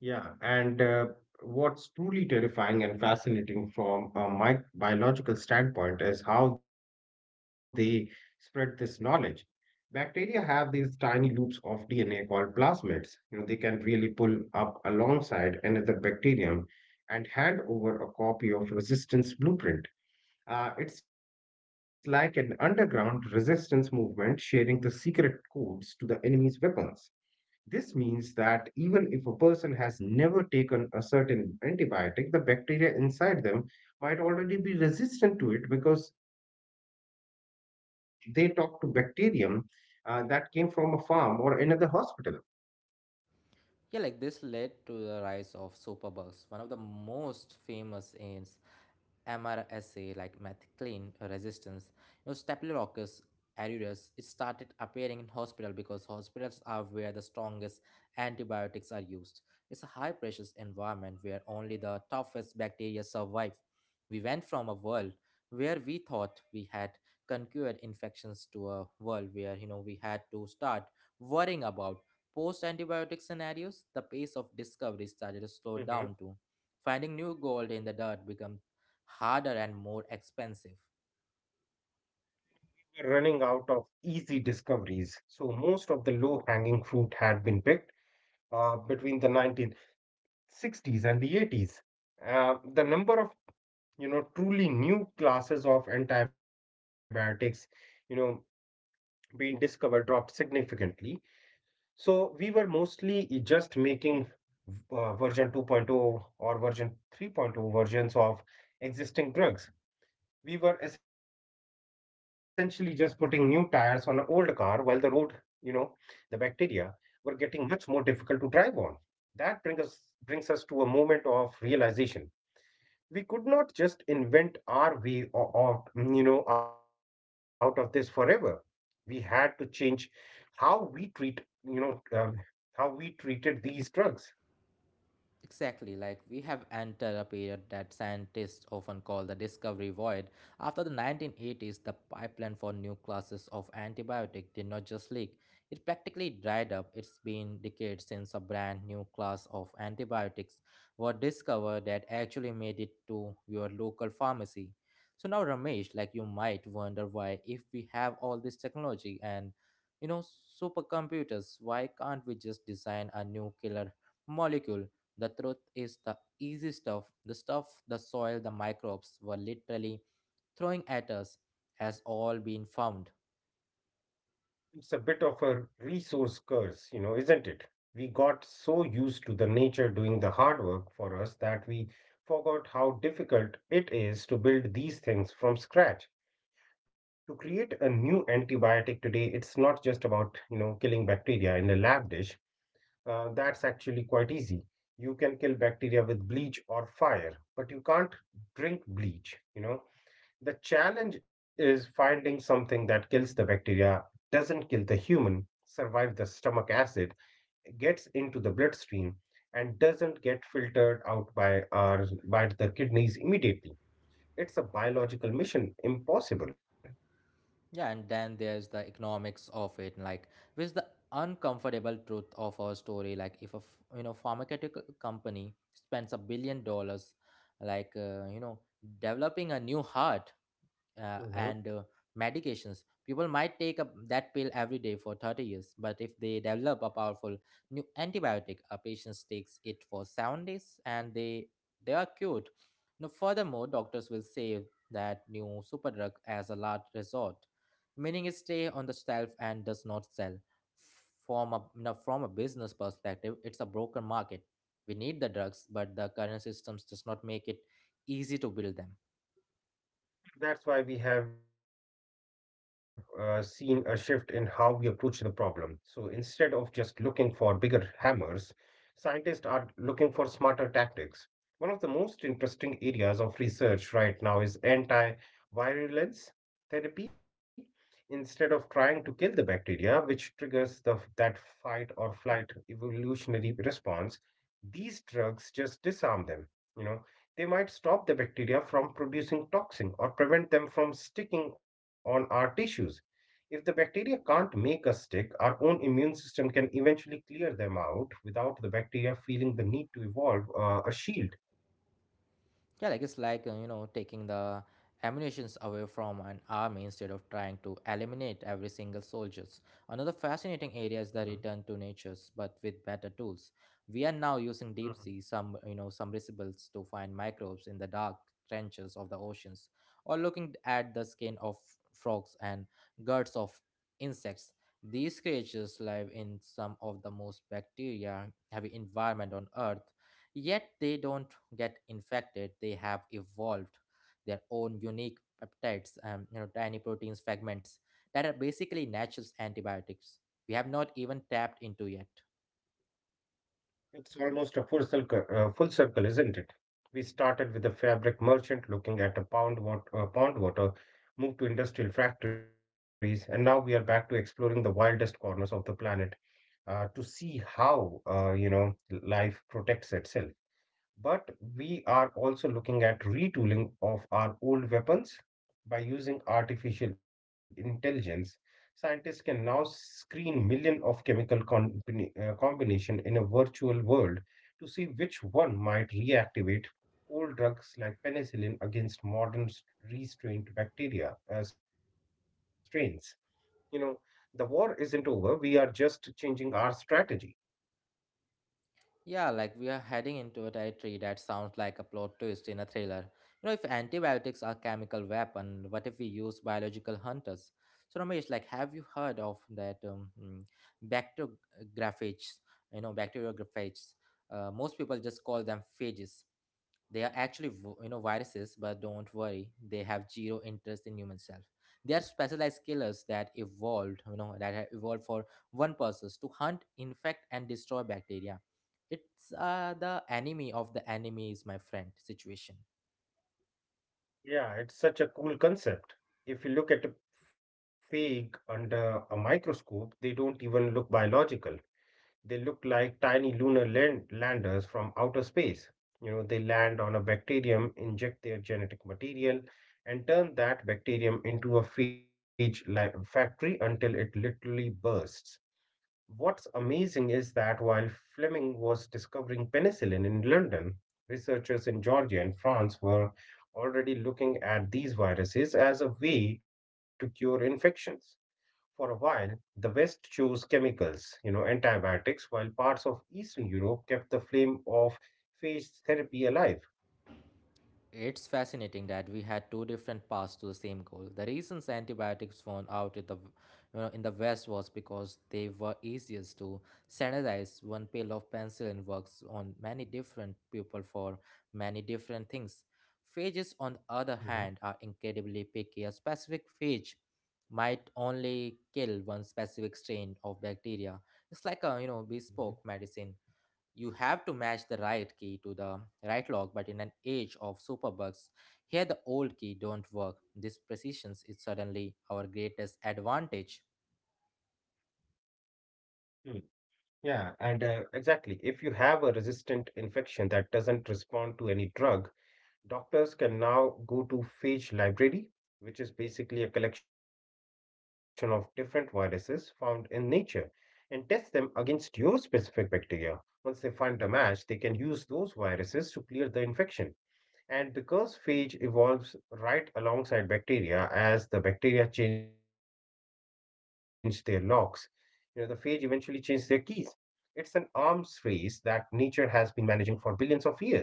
B: Yeah, and uh, what's truly terrifying and fascinating from a mi- biological standpoint is how they spread this knowledge. Bacteria have these tiny loops of D N A called plasmids. You know, they can really pull up alongside another bacterium and hand over a copy of resistance blueprint. Uh, it's like an underground resistance movement sharing the secret codes to the enemy's weapons. This means that even if a person has never taken a certain antibiotic, the bacteria inside them might already be resistant to it because they talk to bacterium uh, that came from a farm or another hospital.
A: Yeah, like this led to the rise of superbugs. One of the most famous is MRSA, like methicillin resistance, you know, Staphylococcus aureus. It started appearing in hospital because hospitals are where the strongest antibiotics are used. It's a high precious environment where only the toughest bacteria survive. We went from a world where we thought we had conquered infections to a world where you know we had to start worrying about post antibiotic scenarios. The pace of discovery started to slow down too.
B: Hmm.
A: Finding new gold in the dirt become harder and more expensive.
B: We're running out of easy discoveries, so most of the low hanging fruit had been picked uh, between the nineteen sixties and the eighties. Uh, the number of you know truly new classes of antibiotics you know been discovered dropped significantly. So we were mostly just making uh, version 2.0 point oh or version 3.0 point oh versions of existing drugs. We were essentially just putting new tires on an old car while the road, you know, the bacteria were getting much more difficult to drive on. That brings us brings us to a moment of realization. We could not just invent our way o- of mm, you know out of this forever. We had to change how we treat you know um, how we treated these drugs.
A: Exactly, like we have entered a period that scientists often call the discovery void. After the nineteen eighties, the pipeline for new classes of antibiotic did not just leak, it practically dried up. It's been decades since a brand new class of antibiotics were discovered that actually made it to your local pharmacy. So now Ramesh, like you might wonder, why if we have all this technology and you know supercomputers, why can't we just design a new killer molecule? The truth is, the easy stuff, the stuff the soil, the microbes were literally throwing at us, has all been found.
B: It's a bit of a resource curse, you know isn't it? We got so used to the nature doing the hard work for us that we forgot how difficult it is to build these things from scratch. To create a new antibiotic today, it's not just about you know killing bacteria in a lab dish. Uh, that's actually quite easy. You can kill bacteria with bleach or fire, but you can't drink bleach, you know. The challenge is finding something that kills the bacteria, doesn't kill the human, survive the stomach acid, gets into the bloodstream, and doesn't get filtered out by our by the kidneys immediately. It's a biological mission, impossible.
A: Yeah, and then there's the economics of it, like with the uncomfortable truth of our story. Like if a f- you know pharmaceutical company spends a billion dollars, like uh, you know developing a new heart, uh, and uh, medications. People might take a, that pill every day for thirty years, but if they develop a powerful new antibiotic, a patient takes it for seven days and they they are cured. Now, furthermore, doctors will say that new superdrug as a last resort, meaning it stay on the shelf and does not sell. From a, you know, from a business perspective, it's a broken market. We need the drugs, but the current systems does not make it easy to build them.
B: That's why we have uh, seen a shift in how we approach the problem. So instead of just looking for bigger hammers, scientists are looking for smarter tactics. One of the most interesting areas of research right now is anti-virulence therapy. Instead of trying to kill the bacteria, which triggers the, that fight or flight evolutionary response, these drugs just disarm them. You know, they might stop the bacteria from producing toxin or prevent them from sticking on our tissues. If the bacteria can't make us stick, our own immune system can eventually clear them out without the bacteria feeling the need to evolve uh, a shield.
A: Yeah, like it's like uh, you know taking the ammunitions away from an army instead of trying to eliminate every single soldiers. Another fascinating
B: Mhm,
A: area is the return to natures, but with better tools. We are now
B: mhm.
A: using deep sea some you know submersibles to find microbes in the dark trenches of the oceans, or looking at the skin of frogs and guts of insects. These creatures live in some of the most bacteria heavy environment on earth. Yet they don't get infected. They have evolved their own unique peptides, um, you know, tiny proteins fragments that are basically natural antibiotics. We have not even tapped into yet.
B: It's almost a full circle, uh, full circle, isn't it? We started with a fabric merchant looking at a pound water, uh, pond water, moved to industrial factories, and now we are back to exploring the wildest corners of the planet uh, to see how uh, you know life protects itself. But we are also looking at retooling of our old weapons by using artificial intelligence. Scientists can now screen millions of chemical combina- uh, combination in a virtual world to see which one might reactivate old drugs like penicillin against modern s- restrained bacteria uh, strains. You know, the war isn't over. We are just changing our strategy.
A: Yeah, like we are heading into a territory that sounds like a plot twist in a thriller. You know, if antibiotics are chemical weapon, what if we use biological hunters? So Ramesh, like, have you heard of that um, mm, bacteriophage? You know, bacteriophages. Uh, most people just call them phages. They are actually vo- you know viruses, but don't worry, they have zero interest in human self. They are specialized killers that evolved, you know, that have evolved for one purpose, to hunt, infect, and destroy bacteria. It's uh, the enemy of the enemy is my friend situation.
B: Yeah, it's such a cool concept. If you look at a fig under a microscope, they don't even look biological. They look like tiny lunar land landers from outer space. You know, they land on a bacterium, inject their genetic material, and turn that bacterium into a phage like factory until it literally bursts. What's amazing is that while Fleming was discovering penicillin in London, researchers in Georgia and France were already looking at these viruses as a way to cure infections. For a while, the West chose chemicals, you know, antibiotics, while parts of Eastern Europe kept the flame of phage therapy alive.
A: It's fascinating that we had two different paths to the same goal. The reasons antibiotics won out in the, you know, in the West was because they were easiest to standardize. One pill of penicillin works on many different people for many different things. Phages, on the other
B: Mhm,
A: hand, are incredibly picky. A specific phage might only kill one specific strain of bacteria. It's like a you know bespoke
B: mhm,
A: medicine. You have to match the right key to the right lock, but in an age of superbugs, here the old key don't work. This precision is suddenly our greatest advantage.
B: mhm. Yeah, and uh, exactly. If you have a resistant infection that doesn't respond to any drug, doctors can now go to phage library, which is basically a collection of different viruses found in nature, and test them against your specific bacteria. Once they find a match, they can use those viruses to clear the infection. And because phage evolves right alongside bacteria, as the bacteria change their locks, you know, the phage eventually change their keys. It's an arms race that nature has been managing for billions of years.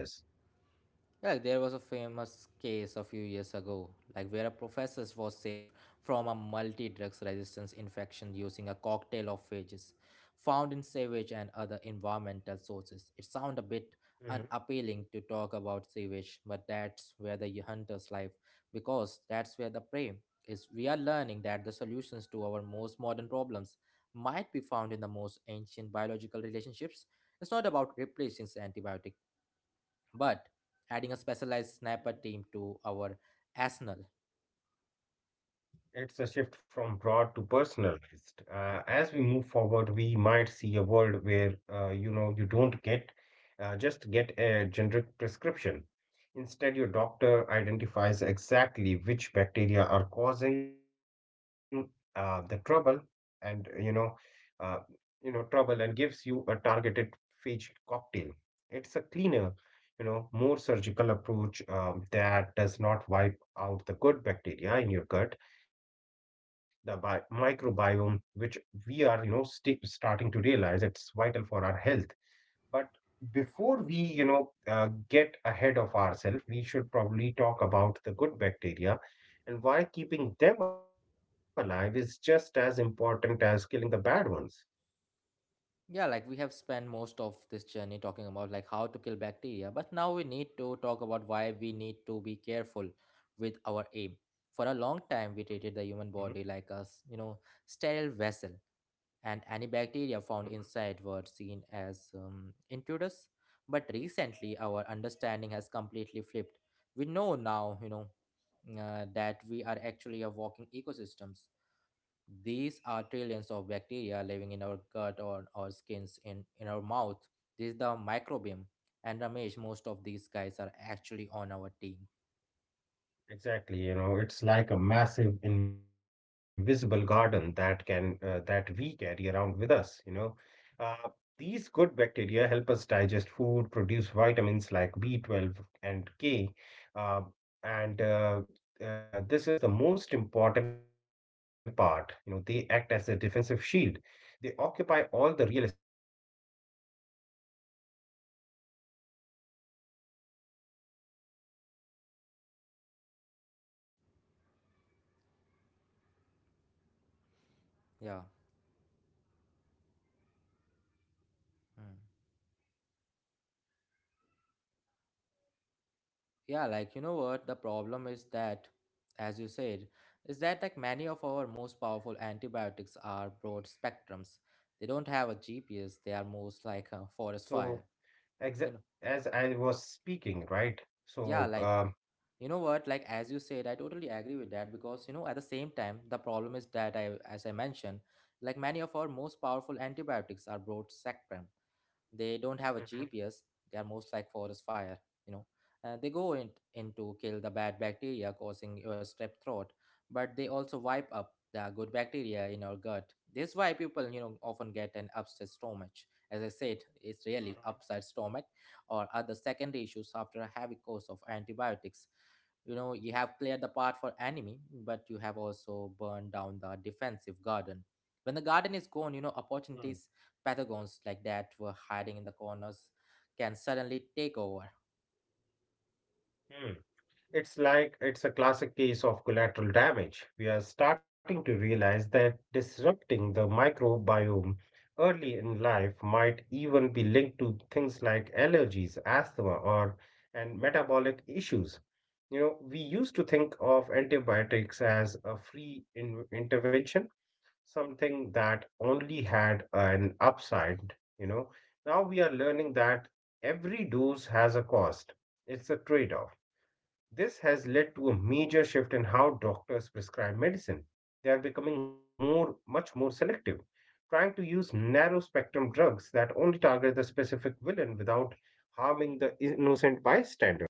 A: Yeah, there was a famous case a few years ago, like where a professor was saved from a multi-drugs resistance infection using a cocktail of phages found in sewage and other environmental sources. It sounds a bit unappealing to talk about sewage, but that's where the hunter's life, because that's where the prey is. We are learning that the solutions to our most modern problems might be found in the most ancient biological relationships. It's not about replacing antibiotics but adding a specialized sniper team to our arsenal.
B: It's a shift from broad to personalized. Uh, as we move forward, we might see a world where uh, you know you don't get uh, just get a generic prescription. Instead, your doctor identifies exactly which bacteria are causing uh, the trouble, and you know, uh, you know trouble, and gives you a targeted phage cocktail. It's a cleaner, you know, more surgical approach um, that does not wipe out the good bacteria in your gut, the bi- microbiome, which we are, you know, sta- starting to realize it's vital for our health. But before we, you know, uh, get ahead of ourselves, we should probably talk about the good bacteria and why keeping them alive is just as important as killing the bad ones.
A: Yeah, like we have spent most of this journey talking about like how to kill bacteria, but now we need to talk about why we need to be careful with our aim. For a long time we
B: Mhm,
A: treated the human body like a s- you know sterile vessel, and any bacteria
B: mhm.
A: found inside were seen as um, intruders. But recently our understanding has completely flipped. We know now you know uh, that we are actually a walking ecosystems. These are trillions of bacteria living in our gut or our skins in, in our mouth. This is the microbiome. And Ramesh, most of these guys are actually on our team.
B: Exactly, you know, it's like a massive invisible garden that can uh, that we carry around with us, you know. Uh, these good bacteria help us digest food, produce vitamins like B twelve and K, uh, and uh, uh, this is the most important part. You know, they act as a defensive shield. They occupy all the real estate in our body. When a harmful bacteria tries to move in, the good bacteria basically say, you know, sorry, there's no room here, and they out you know compete to the intruders for resources. It's
A: Yeah.
B: a natural security system that we get for free just by being
A: Mm.
B: alive.
A: Yeah, like you know what? The problem is that, as you said, is that like many of our most powerful antibiotics are broad spectrums. They don't have a G P S, they are most like a forest fire.
B: So
A: You
B: exa-
A: know?
B: as I was speaking, right?
A: Yeah,
B: So
A: like
B: um,
A: you know what? Like as you said, I totally agree with that because you know at the same time the problem is that I, as I mentioned, like many of our most powerful antibiotics are broad spectrum. They don't have a
B: Mhm,
A: gps. They are most like forest fire, you know. Uh, they go in, in to kill the bad bacteria causing your strep throat, but they also wipe up the good bacteria in your gut. This why people you know often get an upset stomach. As I said, it's really
B: mhm,
A: upset stomach or other secondary issues after a heavy course of antibiotics. You know, you have cleared the path for enemy, but you have also burned down the defensive garden. When the garden is gone you know
B: mm,
A: opportunities patagons like that were hiding in the corners can suddenly take over.
B: mm. It's like it's a classic case of collateral damage. We are starting to realize that disrupting the microbiome early in life might even be linked to things like allergies, asthma, or and metabolic issues. You know, we used to think of antibiotics as a free in- intervention, something that only had an upside, you know. Now we are learning that every dose has a cost. It's a trade-off. This has led to a major shift in how doctors prescribe medicine. They are becoming more, much more selective, trying to use narrow spectrum drugs that only target the specific villain without harming the innocent bystander.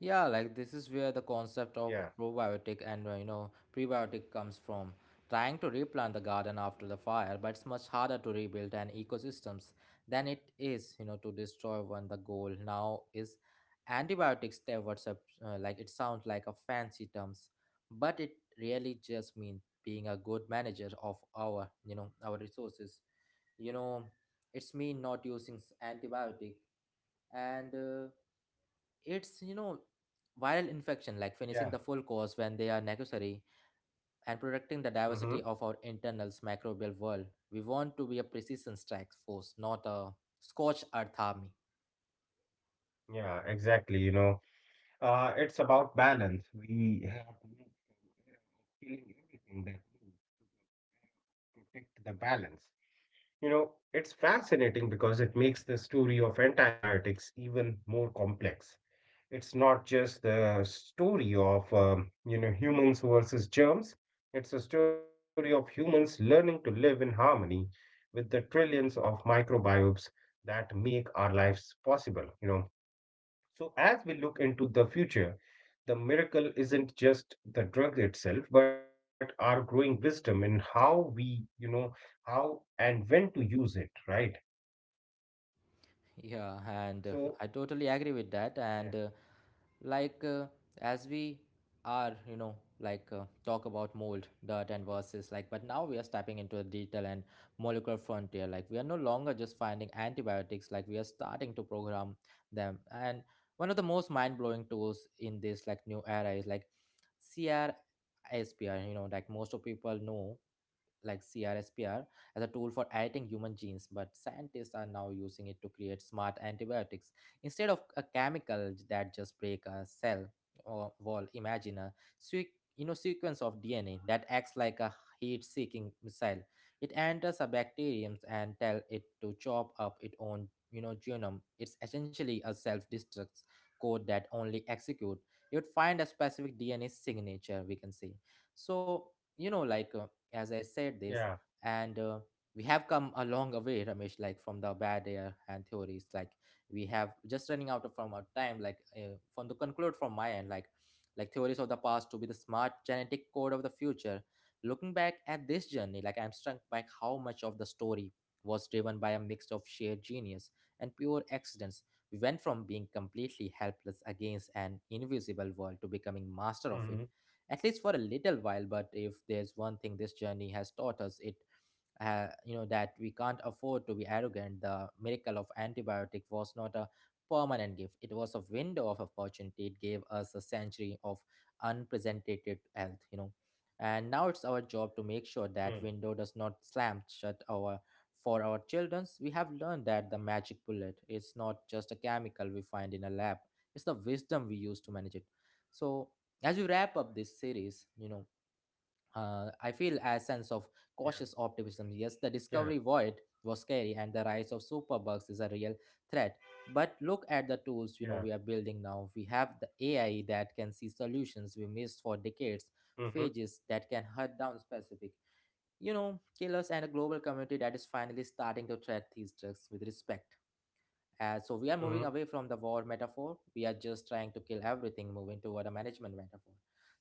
A: Yeah, like this is where the concept of
B: Yeah,
A: probiotic and uh, you know prebiotic comes from. Trying to replant the garden after the fire, but it's much harder to rebuild an ecosystems than it is, you know, to destroy one. The goal now is antibiotics. There, what's up? Uh, like it sounds like a fancy terms, but it really just means being a good manager of our, you know, our resources. You know, it's mean not using s- antibiotic and. Uh, it's, you know, viral infection, like finishing
B: yeah.
A: the full course when they are necessary and protecting the
B: Hmm.
A: diversity of our internal microbial world. We want to be a precision strike force, not a scorched earth army.
B: Yeah, exactly. You know, uh, it's about balance. We have moved from era of killing everything that moves to protect the balance. You know, it's fascinating because it makes the story of antibiotics even more complex. It's not just the story of, um, you know, humans versus germs. It's a story of humans learning to live in harmony with the trillions of microbiomes that make our lives possible, you know. So as we look into the future, the miracle isn't just the drug itself, but our growing wisdom in how we, you know, how and when to use it, right?
A: Yeah,
B: So
A: and uh, I totally agree with that.
B: yeah,
A: And uh, like uh, as we are, you know, like uh, talk about mold, dirt, and versus like, but now we are stepping into a digital and molecular frontier. Like we are no longer just finding antibiotics. Like we are starting to program them. And one of the most mind-blowing tools in this like new era is like CRISPR. You know, like most of people know like C R S P R as a tool for editing human genes, but scientists are now using it to create smart antibiotics instead of a chemical j- that just break a cell or wall. Imagine a sequ- you know sequence of D N A that acts like a heat-seeking missile. It enters a bacterium and tell it to chop up its own you know genome. It's essentially a self-destruct code that only execute. It would find a specific D N A signature. We can say so you know
B: yeah,
A: like uh, as I said this and uh, we have come a long way Ramesh, like from the bad air and theories like we have just running out of from our time like uh, from the conclude from my end like like theories of the past to be the smart genetic code of the future. Looking back at this journey like I'm struck by how much of the story was driven by a mix of sheer genius and pure accidents. We went from being completely helpless against an invisible world to becoming master of it,
B: mm-hmm,
A: at least for a little while. But if there's one thing this journey has taught us, it uh, you know that we can't afford to be arrogant. The miracle of antibiotic was not a permanent gift, it was a window of opportunity. It gave us a century of unprecedented health, you know, and now it's our
B: mm,
A: job to make sure that window does not slam shut our for our children's. We have learned that the magic bullet is not just a chemical we find in a lab, it's the wisdom we use to manage it. So as we wrap up this series you know uh, I
B: yeah,
A: feel a sense of cautious
B: yeah,
A: optimism. Yes, the discovery void was scary, and the rise of superbugs is a real threat. But look at the
B: yeah,
A: tools you know we are building now. We have the A I that can see solutions we missed for decades,
B: mm-hmm,
A: phages that can hunt down specific, you know, killers, and a global community that is finally starting to treat these drugs with respect. Uh,
B: mm-hmm,
A: so we are moving away from the war metaphor. We are just trying to kill everything, moving toward a management metaphor.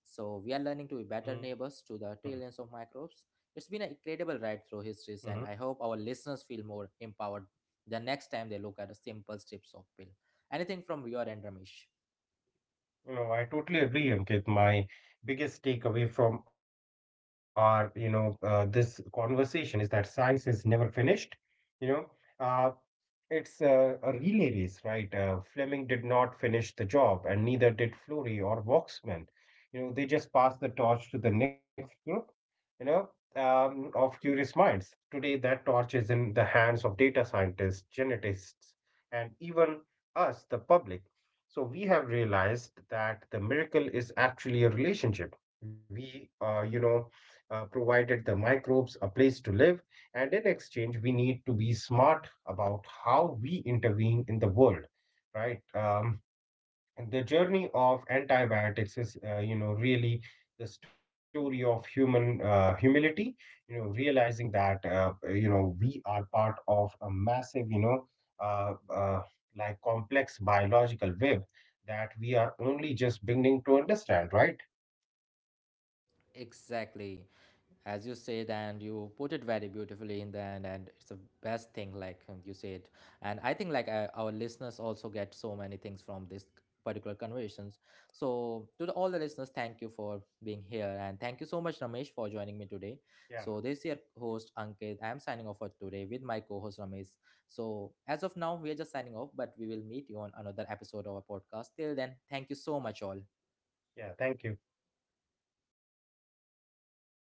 A: So we are learning to
B: mm,
A: be better neighbors to the trillions of microbes. It's been an incredible
B: mm-hmm.
A: ride through histories, and I hope our listeners feel more empowered the next time they look at a simple strips of pill. Anything from your end, Ramesh?
B: You know, I totally agree, Ankit. My biggest takeaway from our, you know, uh, this conversation is that science is never finished. You know, uh, it's a, a relay race, right? Uh, Fleming did not finish the job, and neither did Fleury or Waxman. You know, they just passed the torch to the next group, you know, um, of curious minds. Today, that torch is in the hands of data scientists, geneticists, and even us, the public. So we have realized that the miracle is actually a relationship. We, uh, you know, uh, provided the microbes a place to live, and in exchange, we need to be smart about how we intervene in the world, right? Um, the journey of antibiotics is, uh, you know, really the story of human uh, humility. You know, realizing that uh, you know we are part of a massive, you know, uh, uh, like complex biological web that we are only just beginning to understand, right?
A: Exactly, as you said, and you put it very beautifully in the end and it's the best thing like um, you said. And I think like uh, our listeners also get so many things from this particular conversations. So to the, all the listeners, thank you for being here, and thank you so much Ramesh for joining me
B: Yeah,
A: today. So this is your host Ankit, I am signing off for today with my co-host Ramesh. So as of now we are just signing off, but we will meet you on another episode of our podcast. Till then, thank you so much all.
B: yeah. Thank you.